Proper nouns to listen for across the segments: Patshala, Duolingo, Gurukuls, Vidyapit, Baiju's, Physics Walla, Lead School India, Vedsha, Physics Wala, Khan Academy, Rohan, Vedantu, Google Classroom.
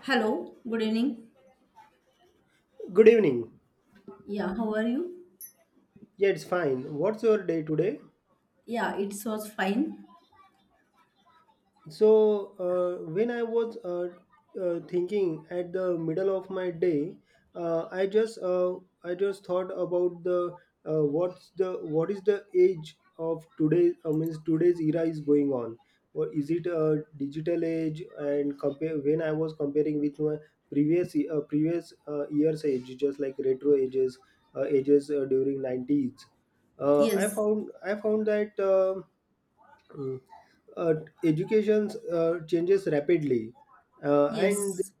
Hello, good evening. Good evening. Yeah, how are you? Yeah, it's fine. What's your day today? Yeah, it was fine. When I was thinking at the middle of my day, uh, I just uh, I just thought about the what is the age of today, means today's era is going on. Or is it a digital age? And compare when I was comparing with my previous year's age, just like retro ages, during nineties, I Yes, found I found that. Uh, Education changes rapidly, uh, and yes,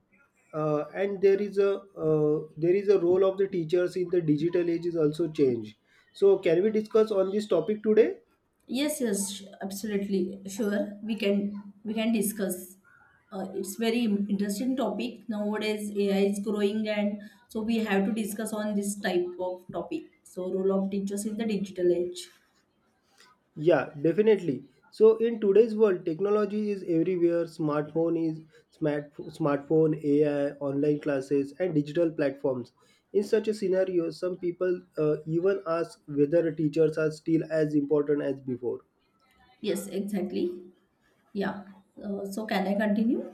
and there is a role of the teachers in the digital age is also changed. So can we discuss on this topic today? Absolutely. Sure, we can discuss. It's very interesting topic nowadays. AI is growing, and so we have to discuss on this type of topic. So, role of teachers in the digital age. Yeah, definitely. So in today's world, technology is everywhere. Smartphone is smart smartphone, AI, online classes, and digital platforms. In such a scenario, some people even ask whether teachers are still as important as before. Yes, exactly. Yeah. So, can I continue?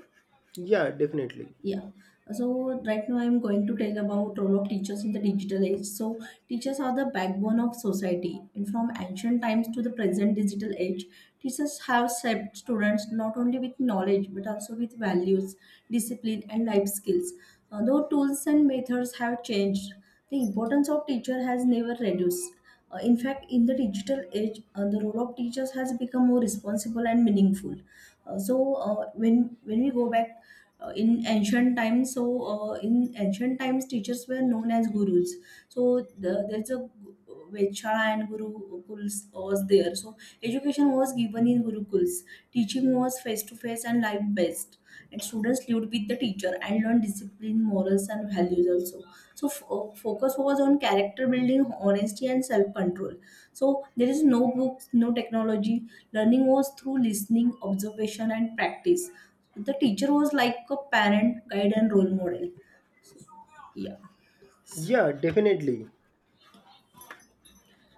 Yeah, definitely. Yeah. So right now I'm going to tell about role of teachers in the digital age. So teachers are the backbone of society, and from ancient times to the present digital age, teachers have shaped students not only with knowledge but also with values, discipline, and life skills. Though tools and methods have changed, the importance of teacher has never reduced. In fact, in the digital age, the role of teachers has become more responsible and meaningful. So, when we go back in ancient times. So in ancient times, teachers were known as gurus. So the, there's a gu- Vedsha and Gurukuls was there. So education was given in Gurukuls. Teaching was face to face and life based, and students lived with the teacher and learned discipline, morals, and values also. So, focus was on character building, honesty, and self control. So, there is no books, no technology. Learning was through listening, observation, and practice. The teacher was like a parent, guide, and role model. Yeah. Yeah, definitely.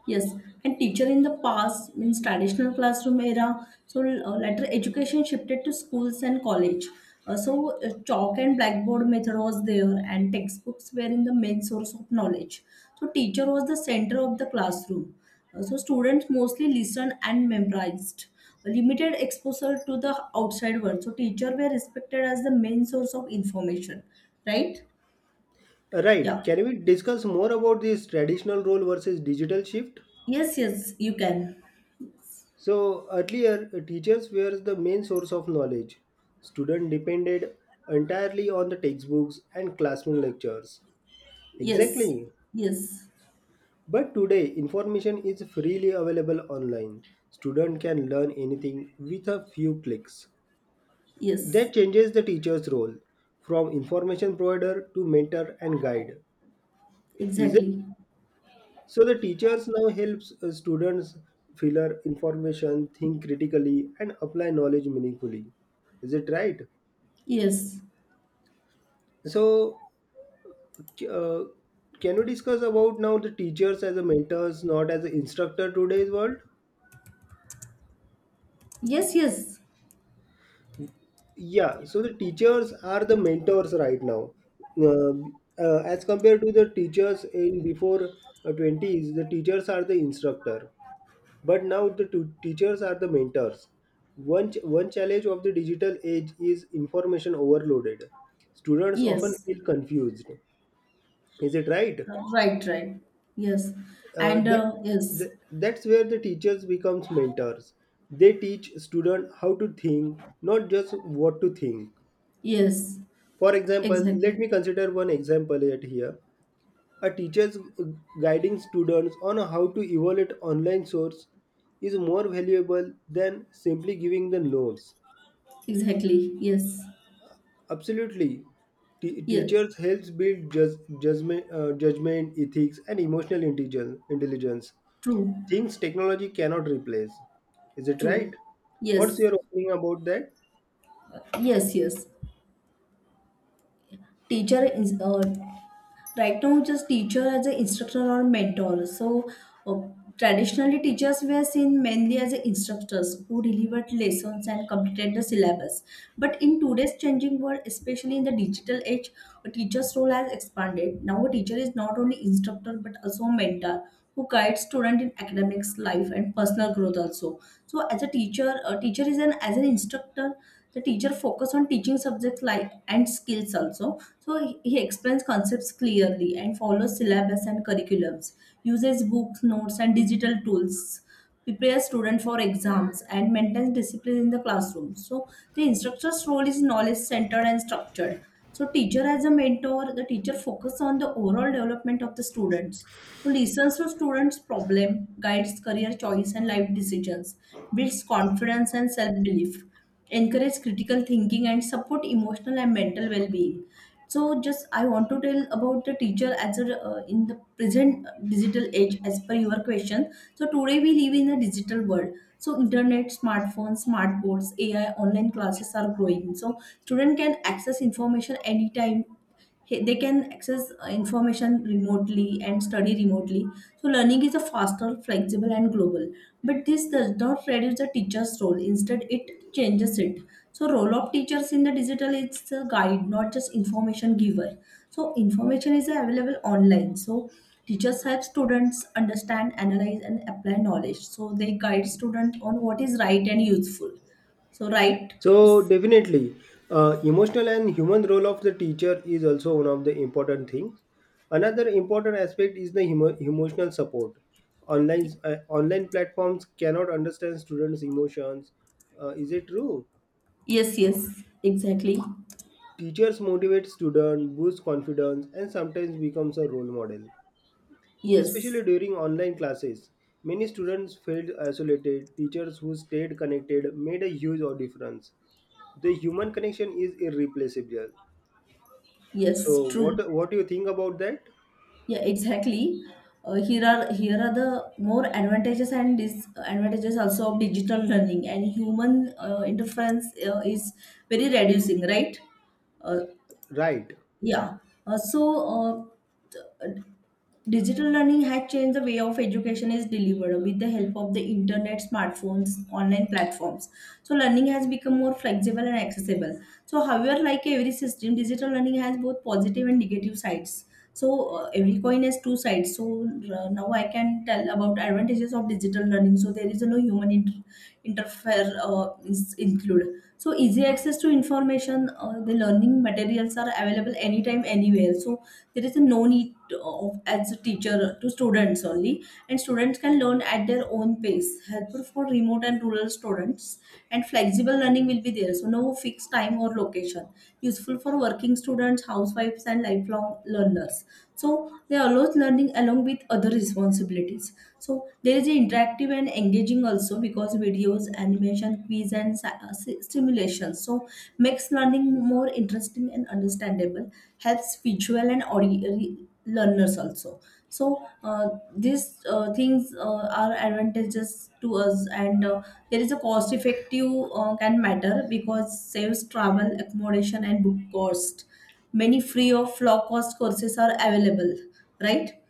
Yes, and teacher in the past means traditional classroom era. So later education shifted to schools and college. Chalk and blackboard method was there, and textbooks were in the main source of knowledge. So teacher was the center of the classroom. So students mostly listened and memorized. Limited exposure to the outside world. So teacher were respected as the main source of information, right? Right. Yeah. Can we discuss more about this traditional role versus digital shift? Yes, yes, you can. So, earlier, teachers were the main source of knowledge. Students depended entirely on the textbooks and classroom lectures. Yes, Exactly. yes. But today, information is freely available online. Student can learn anything with a few clicks. Yes, That changes the teacher's role from information provider to mentor and guide. Is it? exactly. So the teachers now helps students filter information, think critically, and apply knowledge meaningfully. Is it right? Yes, So uh, can you discuss about now the teachers as a mentors, not as an instructor today's world? yes, yes, Yeah. So the teachers are the mentors right now. Uh, as compared to the teachers in before twenties, the teachers are the instructor, but now the teachers are the mentors. One challenge of the digital age is information overloaded. Students often yes. feel confused. Is it right? Right, right. Yes, uh, and that, yes, that, That's where the teachers becomes mentors. They teach student how to think, not just what to think. yes, For example, let me exactly, consider one example at here. A teacher's guiding students on how to evaluate online source is more valuable than simply giving the notes. exactly. Yes, Absolutely. Yeah, Teachers helps build judgment, ethics, and emotional intelligence. Intelligence, true, things technology cannot replace. Is it right? true. What's Yes, your opinion about that? yes, yes. Teacher is right now just teacher as an instructor or mentor. So uh, traditionally, teachers were seen mainly as instructors who delivered lessons and completed the syllabus, but in today's changing world, especially in the digital age, a teacher's role has expanded. Now a teacher is not only instructor but also mentor, who guides student in academics life and personal growth also. So as a teacher, a teacher is an as an instructor, the teacher focus on teaching subjects like and skills also. So he explains concepts clearly and follows syllabus and curriculums, uses books, notes, and digital tools, prepares student for exams, and maintains discipline in the classroom. So the instructor's role is knowledge centered and structured. So teacher as a mentor, the teacher focuses on the overall development of the students. So listens to students' problem, guides career choice and life decisions, builds confidence and self-belief, encourage critical thinking and support emotional and mental well-being. So just I want to tell about the teacher as a, in the present digital age, as per your question. So today we live in a digital world. So internet, smartphones, smart boards, AI, online classes are growing. So student can access information anytime. Hey, they can access information remotely and study remotely. So learning is a faster, flexible, and global. But this does not reduce the teacher's role, instead it changes it. So role of teachers in the digital is a guide, not just information giver. So information is available online, so teachers help students understand, analyze, and apply knowledge. So they guide students on what is right and useful. So right, So definitely, emotional and human role of the teacher is also one of the important things. Another important aspect is the emotional support. Online platforms cannot understand students' emotions. Is it true? yes, yes, exactly, Teachers motivate students, boost confidence, and sometimes becomes a role model. Especially yes. during online classes, many students felt isolated. Teachers who stayed connected made a huge difference. The human connection is irreplaceable. Yes, So, true. what do you think about that? Yeah, exactly. Here are the more advantages and disadvantages also of digital learning, and human interference is very reducing, right? Uh, Right, yeah. Uh, so uh, digital learning has changed the way of education is delivered with the help of the internet, smartphones, online platforms. So learning has become more flexible and accessible. So however, like every system, digital learning has both positive and negative sides. So every coin has two sides. So now I can tell about advantages of digital learning. So there is no human interfere is included. So easy access to information, the learning materials are available anytime anywhere. So there is a no need of as a teacher to students only, and students can learn at their own pace, helpful for remote and rural students. And flexible learning will be there, so no fixed time or location, useful for working students, housewives, and lifelong learners. So they allows learning along with other responsibilities. So there is interactive and engaging also, because videos, animation, quiz, and simulation. So makes learning more interesting and understandable. Helps visual and audio learners also. So these things are advantages to us, and there is a cost effective can matter, because saves travel, accommodation, and book cost. Many free or low cost courses are available, right?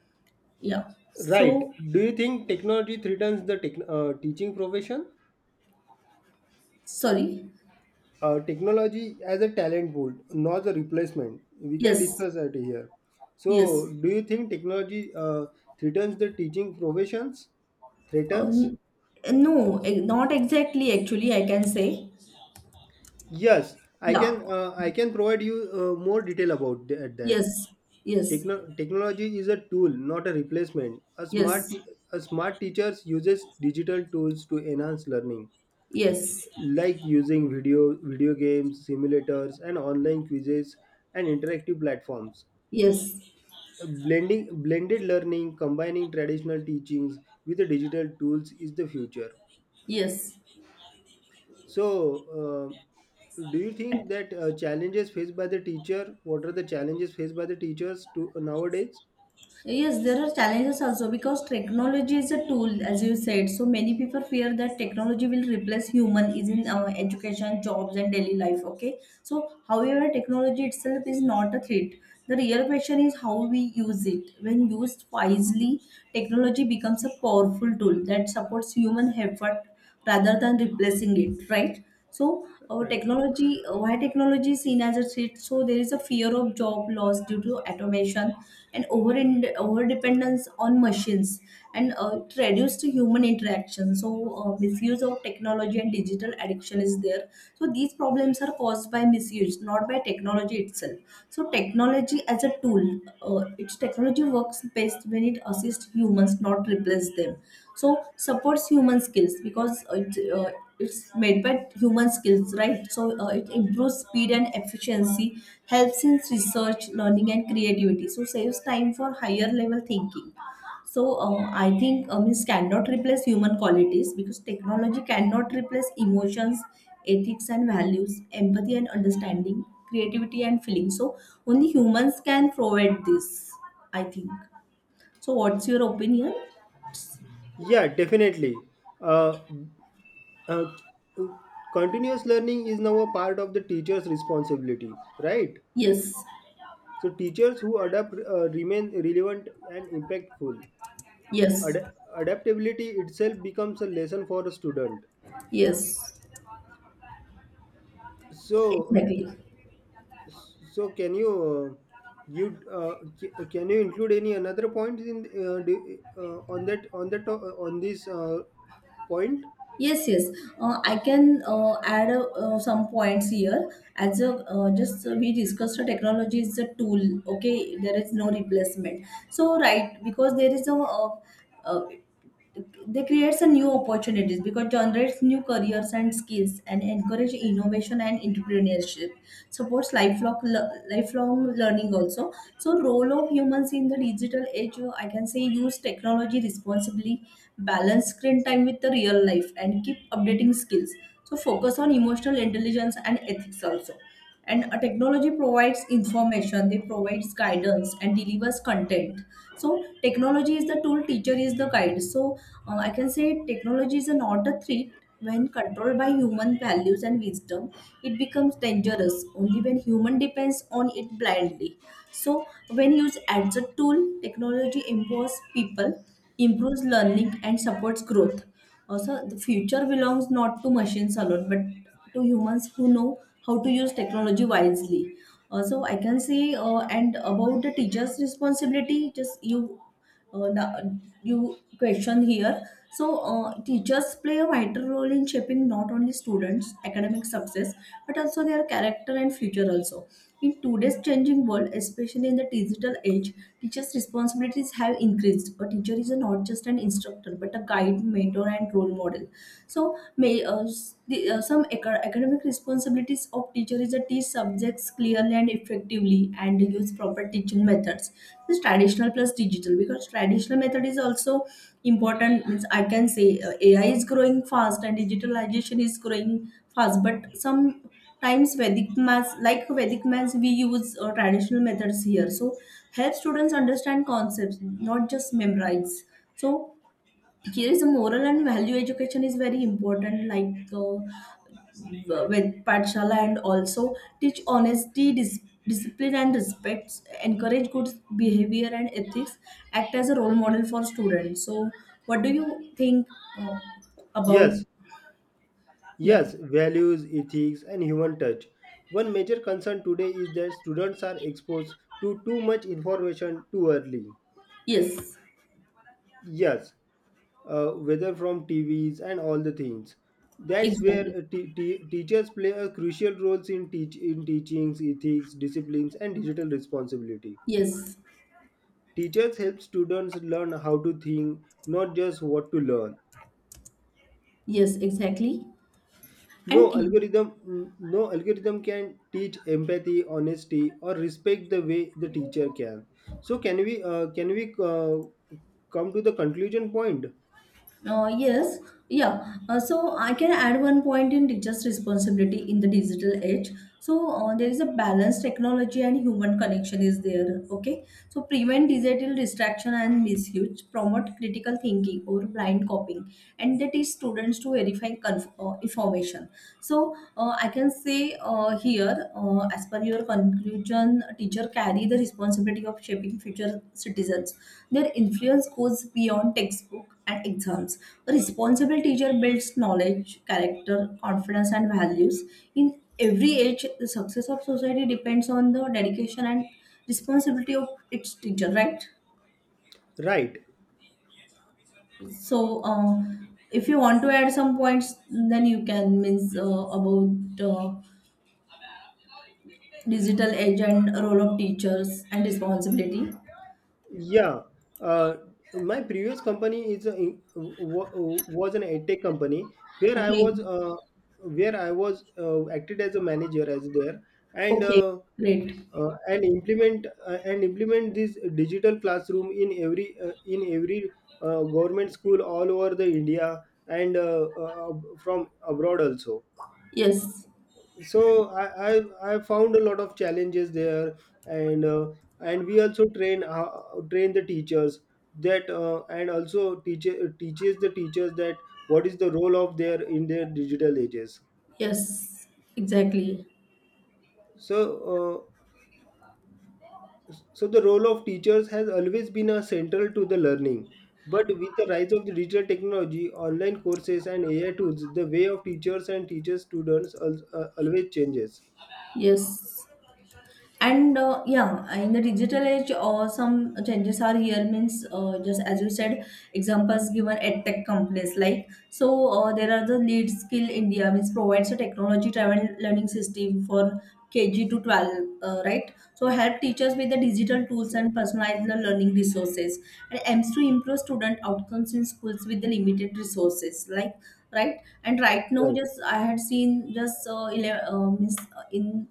Yeah. right. So, Do you think technology threatens the teaching profession? sorry. Technology as a talent pool, not a replacement. We can Yes. discuss that here. So, Yes. do you think technology threatens the teaching professions? Uh, Threatens? no, not exactly, actually, I can say. Yes, I Yeah. can. I can provide you more detail about that. Yes. Yes. Technology is a tool, not a replacement. Yes. A smart teacher uses digital tools to enhance learning, Yes. like using video games, simulators, and online quizzes and interactive platforms. Yes. Blending Blended learning, combining traditional teachings with the digital tools is the future. Yes. So, do you think that challenges faced by the teacher? What are the challenges faced by the teachers to nowadays? Yes, there are challenges also, because technology is a tool, as you said. So many people fear that technology will replace human is in our education, jobs, and daily life. Okay. So, however, technology itself is not a threat. The real question is how we use it. When used wisely, technology becomes a powerful tool that supports human effort rather than replacing it, right? So our Right. technology, why technology is seen as a threat. So there is a fear of job loss due to automation, and over dependence on machines, and it reduced human interaction. So misuse of technology and digital addiction is there. So these problems are caused by misuse, not by technology itself. So technology as a tool, its technology works best when it assists humans, not replace them. So supports human skills, because it's made by human skills, right? So it improves speed and efficiency, helps in research, learning, and creativity. So saves time for higher level thinking. So I think means cannot replace human qualities, because technology cannot replace emotions, ethics, and values, empathy and understanding, creativity and feeling. So only humans can provide this, I think. So what's your opinion? Yeah, definitely. Uh, uh, Continuous learning is now a part of the teacher's responsibility, right? Yes, So teachers who adapt remain relevant and impactful. yes, Ad- Adaptability itself becomes a lesson for a student. yes, So, exactly. so, can you can you include any another point in do- on that to- on this point? Yes, yes. I can add some points here. As a, just we discussed, the technology is a tool. Okay, there is no replacement. So right, because there is a uh, they creates a new opportunities, because generates new careers and skills, and encourage innovation and entrepreneurship, supports lifelong learning also. So role of humans in the digital age, I can say use technology responsibly, balance screen time with the real life, and keep updating skills. So focus on emotional intelligence and ethics also. And a technology provides information, they provides guidance and delivers content. So technology is the tool, teacher is the guide. So I can say technology is not a threat. When controlled by human values and wisdom, it becomes dangerous only when human depends on it blindly. So when used as a tool, technology empowers people, improves learning and supports growth. Also, the future belongs not to machines alone, but to humans who know how to use technology wisely. Also, I can say, and about the teacher's responsibility, just you, uh, the- you question here. So, teachers play a vital role in shaping not only students' academic success but also their character and future. Also, in today's changing world, especially in the digital age, teachers' responsibilities have increased. A teacher is not just an instructor but a guide, mentor, and role model. So, some academic responsibilities of teacher is to teach subjects clearly and effectively, and use proper teaching methods. This traditional plus digital, because traditional method is also important. Means I can say AI is growing fast and digitalization is growing fast, but some times Vedic maths, like Vedic maths, we use traditional methods here. So help students understand concepts, not just memorize. So yes, moral and value education is very important, like with Patshala, and also teach honesty, discipline, and respect, encourage good behavior and ethics, act as a role model for students. So, what do you think uh, about? Yes, Yeah, yes, values, ethics, and human touch. One major concern today is that students are exposed to too much information too early. yes, Yes, whether from TVs and all the things. That's where exactly. Teachers play a crucial roles in teachings, ethics, disciplines, and digital responsibility. Yes, Teachers help students learn how to think, not just what to learn. yes, exactly. And teach. No algorithm can teach empathy, honesty, or respect the way the teacher can. So can we come to the conclusion point? Yes, yeah. So I can add one point in teachers' responsibility in the digital age. So there is a balance, technology and human connection is there. Okay. So prevent digital distraction and misuse, promote critical thinking or blind copying, and that is students to verify information. So I can say. As per your conclusion, teacher carry the responsibility of shaping future citizens. Their influence goes beyond textbook and exams. A responsible teacher builds knowledge, character, confidence, and values. In every age, the success of society depends on the dedication and responsibility of its teacher, right? Right. So, uh, if you want to add some points, then you can means about. Digital age and role of teachers and responsibility. Yeah, uh, my previous company is a, in- wa- was an edtech company Okay. Where I was acted as a manager as there, and Okay. uh, Great. And implement this digital classroom in every government school all over the India, and from abroad also. Yes. So I found a lot of challenges there, and uh, and we also train train the teachers that and also teacher teaches the teachers that what is the role of their in their digital ages. Yes, exactly. So uh, so the role of teachers has always been a central to the learning, but with the rise of the digital technology, online courses and AI tools, the way of teachers and teacher students always changes. Yes. And yeah, in the digital age some changes are here means just as you said, examples given at tech companies like, so there are the Lead Skill India, means provides a technology driven learning system for KG to 12, right, so help teachers with the digital tools and personalized the learning resources and aims to improve student outcomes in schools with the limited resources, like. Right. And right now, Right. just I had seen just means in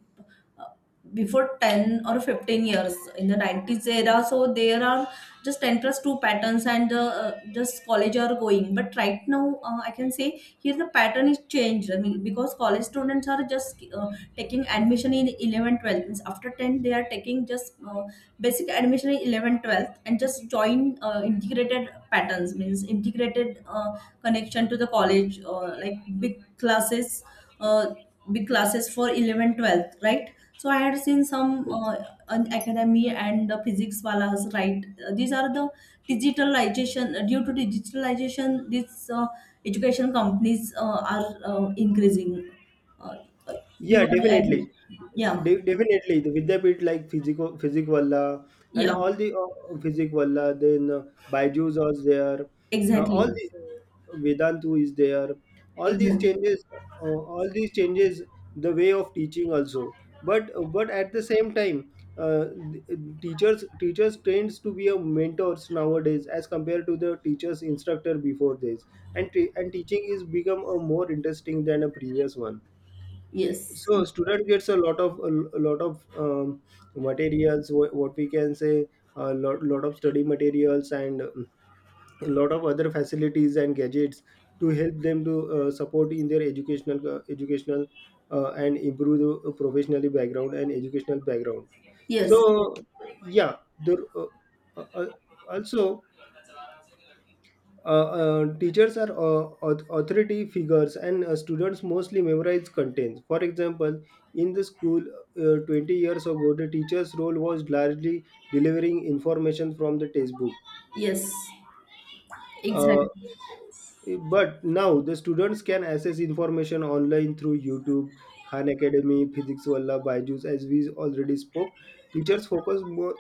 uh, before 10 or 15 years in the 90s era, so there are just 10 plus 2 patterns, and just college are going. But right now I can say here the pattern is changed, I mean, because college students are just taking admission in 11, 12. Means after 10 they are taking just basic admission in 11, 12, and just join integrated patterns, means integrated connection to the college, like big classes. Uh, Big classes for 11, 12th, right? So I had seen some an Academy and the Physics Walas, right? These are the digitalization, due to digitalization these education companies are increasing. uh, uh, Yeah, you are agree? definitely. Yeah. De- definitely, the Vidyapit like physic Valla and Yeah, all the physic Valla, then Baiju's was there, exactly. all the Vedantu is there. All these Exactly. changes, all these changes, the way of teaching also. But at the same time, uh, th- teachers teachers trains to be a mentors nowadays as compared to the teachers instructor before this, and and teaching is become a more interesting than a previous one. Yes. So Yes. student gets a lot of materials what we can say, a lot, lot of study materials and a lot of other facilities and gadgets to help them to support in their educational and improve the professionally background and educational background. Yes. So yeah the uh, uh, also teachers are authority figures, and students mostly memorize contents. For example, in the school, 20 years ago, the teacher's role was largely delivering information from the textbook. Yes, uh, exactly. but now the students can access information online through YouTube, Khan Academy, Physics Walla, Byju's, as we already spoke. Teachers focus more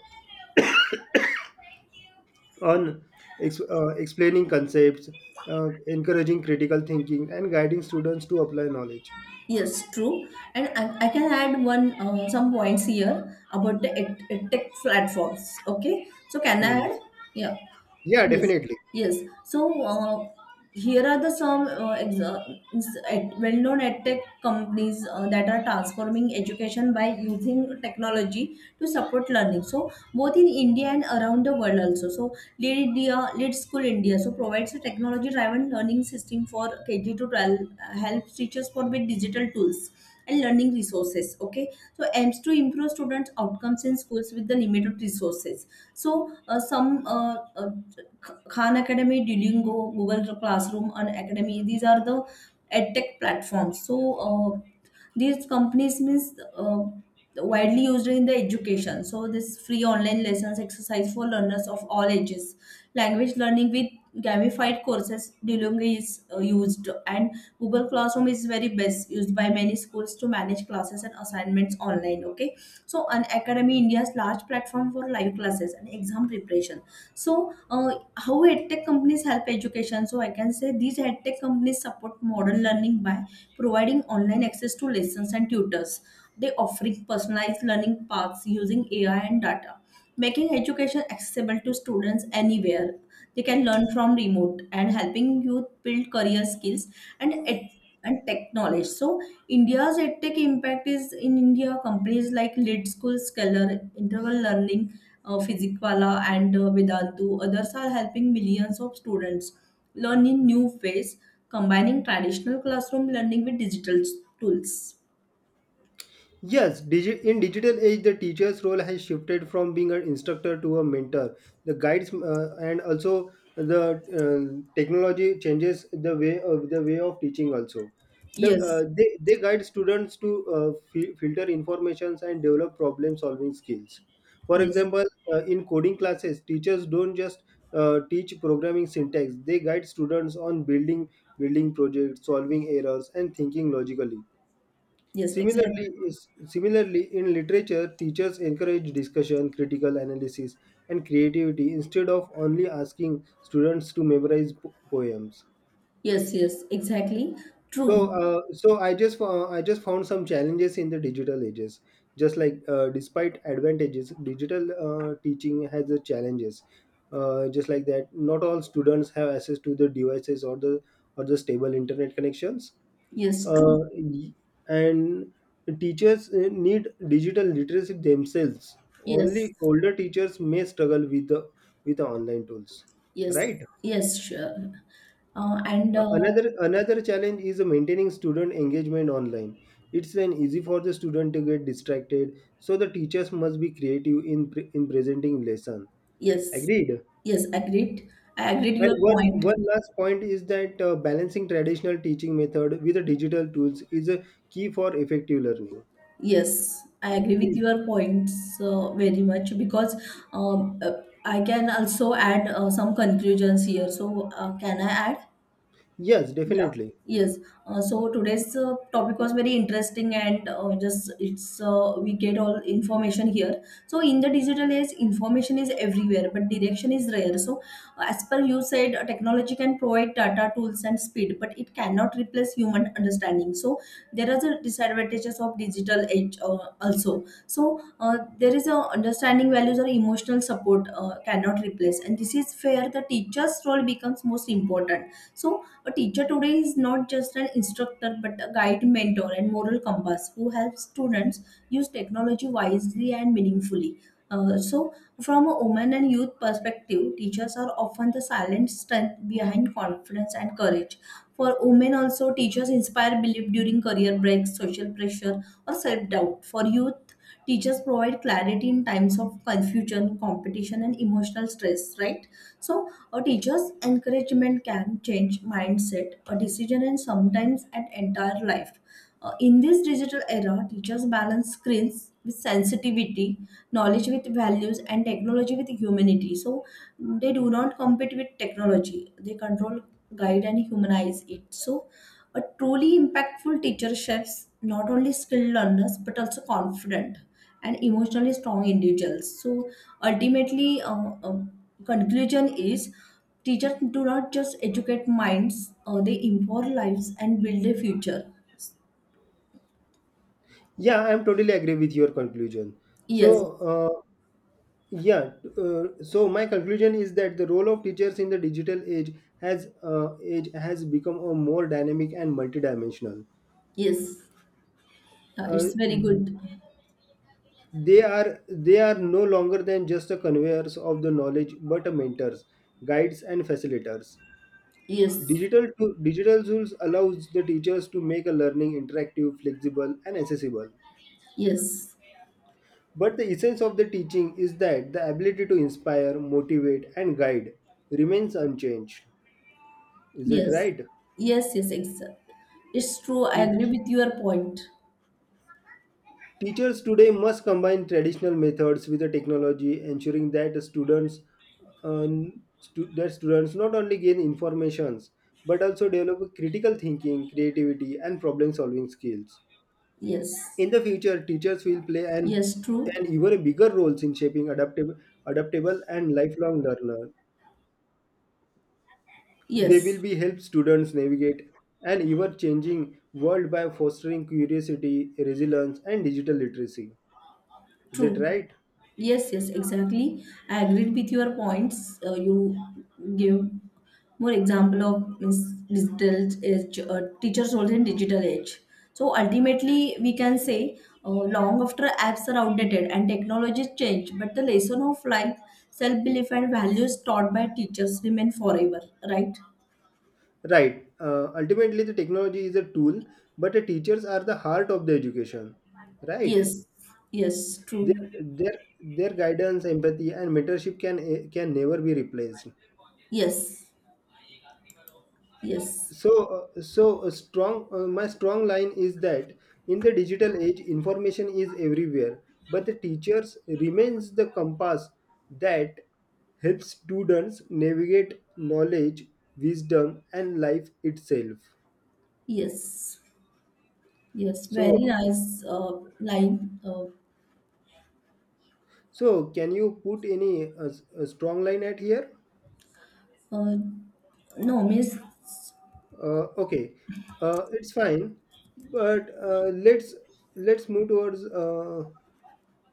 on explaining concepts, encouraging critical thinking, and guiding students to apply knowledge. Yes, true. And I can add one some points here about the edtech platforms. Okay, so can I Hmm. add? Yeah. Yeah, Yes, definitely. yes. So here are the some well-known edtech companies that are transforming education by using technology to support learning. So both in India and around the world also. So Lead India, Lead School India, so provides a technology-driven learning system for KG to 12, helps teachers for with digital tools and learning resources. Okay, so aims to improve students' outcomes in schools with the limited resources. So some Khan Academy, Duolingo, Google Classroom, and Academy. These are the edtech platforms. So these companies means widely used in the education. So this free online lessons, exercise for learners of all ages, language learning with gamified courses. Duolingo is used, and Google Classroom is very best used by many schools to manage classes and assignments online. Okay, so an Academy India's large platform for live classes and exam preparation. So, how edtech companies help education? So I can say these edtech companies support modern learning by providing online access to lessons and tutors. They offering personalized learning paths using AI and data, making education accessible to students anywhere they can learn from remote, and helping youth build career skills and and tech knowledge. So India's edtech impact is in India, companies like Lead School, Scholar, Interval Learning, Physicwala, and Vedantu others are helping millions of students learn in new ways, combining traditional classroom learning with digital tools. Yes, in digital age, the teacher's role has shifted from being an instructor to a mentor. The guides and also the technology changes the way of teaching also. Yes. They guide students to filter informations and develop problem solving skills. For Yes. example, in coding classes, teachers don't just teach programming syntax. They guide students on building projects, solving errors, and thinking logically. Yes, exactly. Similarly, in literature, teachers encourage discussion, critical analysis, and creativity instead of only asking students to memorize poems. Yes, yes, exactly. True. So, I just found some challenges in the digital ages. Just like despite advantages, digital teaching has the challenges. Just like that, not all students have access to the devices or the stable internet connections. Yes, uh, true. y- and teachers need digital literacy themselves. Yes, Only older teachers may struggle with the online tools, yes, right? yes, sure. And Another challenge is maintaining student engagement online. It's an easy for the student to get distracted, so the teachers must be creative in presenting lesson. yes, Agreed. yes, agreed. I agreed And your point. one last point is that balancing traditional teaching method with the digital tools is a key for effective learning. Yes, I agree with Please. your points very much because I can also add some conclusions here. So, can I add? Yes, Yeah, definitely. yes. So today's topic was very interesting, and just it's we get all information here. So in the digital age, information is everywhere, but direction is rare. So as per you said, technology can provide data, tools, and speed, but it cannot replace human understanding. So there are the disadvantages of digital age also. So there is a understanding values or emotional support cannot replace, and this is where the teacher's role becomes most important. So a teacher today is not just an instructor but a guide, mentor, and moral compass who helps students use technology wisely and meaningfully. Uh, so, from a woman and youth perspective, teachers are often the silent strength behind confidence and courage. For women, also, teachers inspire belief during career breaks, social pressure, or self doubt. For youth, teachers provide clarity in times of confusion, competition, and emotional stress, right? So, a teacher's encouragement can change mindset, a decision, and sometimes an entire life. In this digital era, teachers balance screens with sensitivity, knowledge with values, and technology with humanity. So they do not compete with technology; they control, guide, and humanize it. So a truly impactful teacher shapes not only skilled learners but also confident and emotionally strong individuals. So ultimately, conclusion is teachers do not just educate minds; they empower lives and build a future. Yeah, I'm totally agree with your conclusion. So, Yes, yeah, so my conclusion is that the role of teachers in the digital age has become a more dynamic and multidimensional. yes. Yeah, Uh, it's very good. They are no longer than just the conveyors of the knowledge, but a mentors, guides, and facilitators. Yes, Digital tools allows the teachers to make a learning interactive, flexible, and accessible. yes, But the essence of the teaching is that the ability to inspire, motivate, and guide remains unchanged. Is it yes, right? yes, yes, exactly. It's true. I agree Teach- with your point. Teachers today must combine traditional methods with the technology, ensuring that the students stu- that students not only gain informations but also develop critical thinking, creativity, and problem-solving skills. Yes, In the future, teachers will play yes, true. an even bigger roles in shaping adaptable and lifelong learner. They will Yes. be help students navigate an ever-changing world by fostering curiosity, resilience, and digital literacy. Is it True. right? Yes, yes, exactly. I agreed with your points. You give more example of means digital age, teachers roles in digital age. So ultimately, we can say long after apps are outdated and technologies change, but the lesson of life, self belief, and values taught by teachers remain forever. Right? Right. Ultimately, the technology is a tool, but the teachers are the heart of the education. Right. Yes. Yes. Their True. their their guidance, empathy, and mentorship can can never be replaced. Yes. Yes. So a strong my strong line is that in the digital age, information is everywhere, but the teachers remains the compass that helps students navigate knowledge, wisdom, and life itself. Yes. Yes, So very nice line. So can you put any strong line at here? Uh, no, means Okay, it's fine, but let's move towards uh,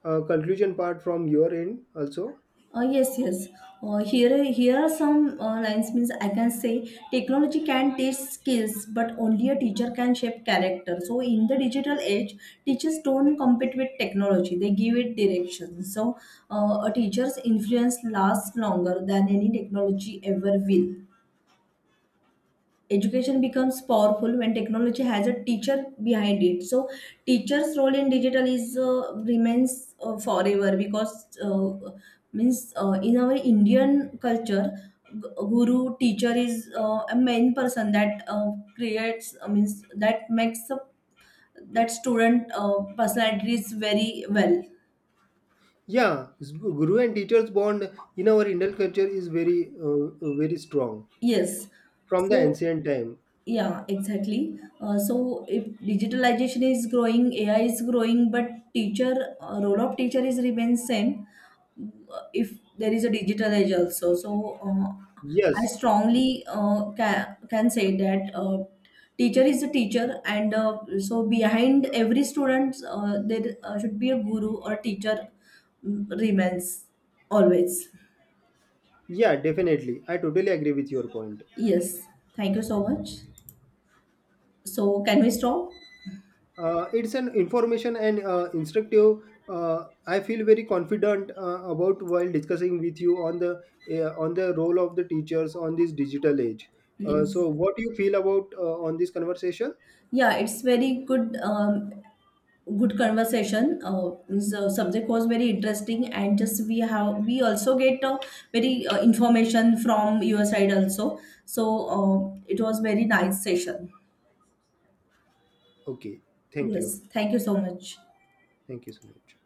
uh, conclusion part from your end also. Yes, yes. Here, here are some lines. Means I can say technology can teach skills, but only a teacher can shape character. So in the digital age, teachers don't compete with technology; they give it direction. So a teacher's influence lasts longer than any technology ever will. Education becomes powerful when technology has a teacher behind it. So teacher's role in digital is remains forever because means in our Indian culture, guru teacher is a main person that creates means that makes up that student personality is very well. Yeah, guru and teachers bond in our Indian culture is very strong Yes. from the So ancient time. yeah, exactly. So if digitalization is growing, AI is growing, but teacher role of teacher is remains same. If there is a digital age also, so I Yes, strongly can say that teacher is a teacher, and so behind every student there should be a guru or teacher. Mm, remains always. yeah, definitely. I totally agree with your point. Yes, thank you so much. So can we stop? It's an information and instructive. I feel very confident about while discussing with you on the role of the teachers on this digital age. Yes. So, what do you feel about on this conversation? Yeah, it's very good. Good conversation. The subject was very interesting, and just we also get very information from your side also. So it was very nice session. Okay, thank you, Yes, thank you so much. thank you so much.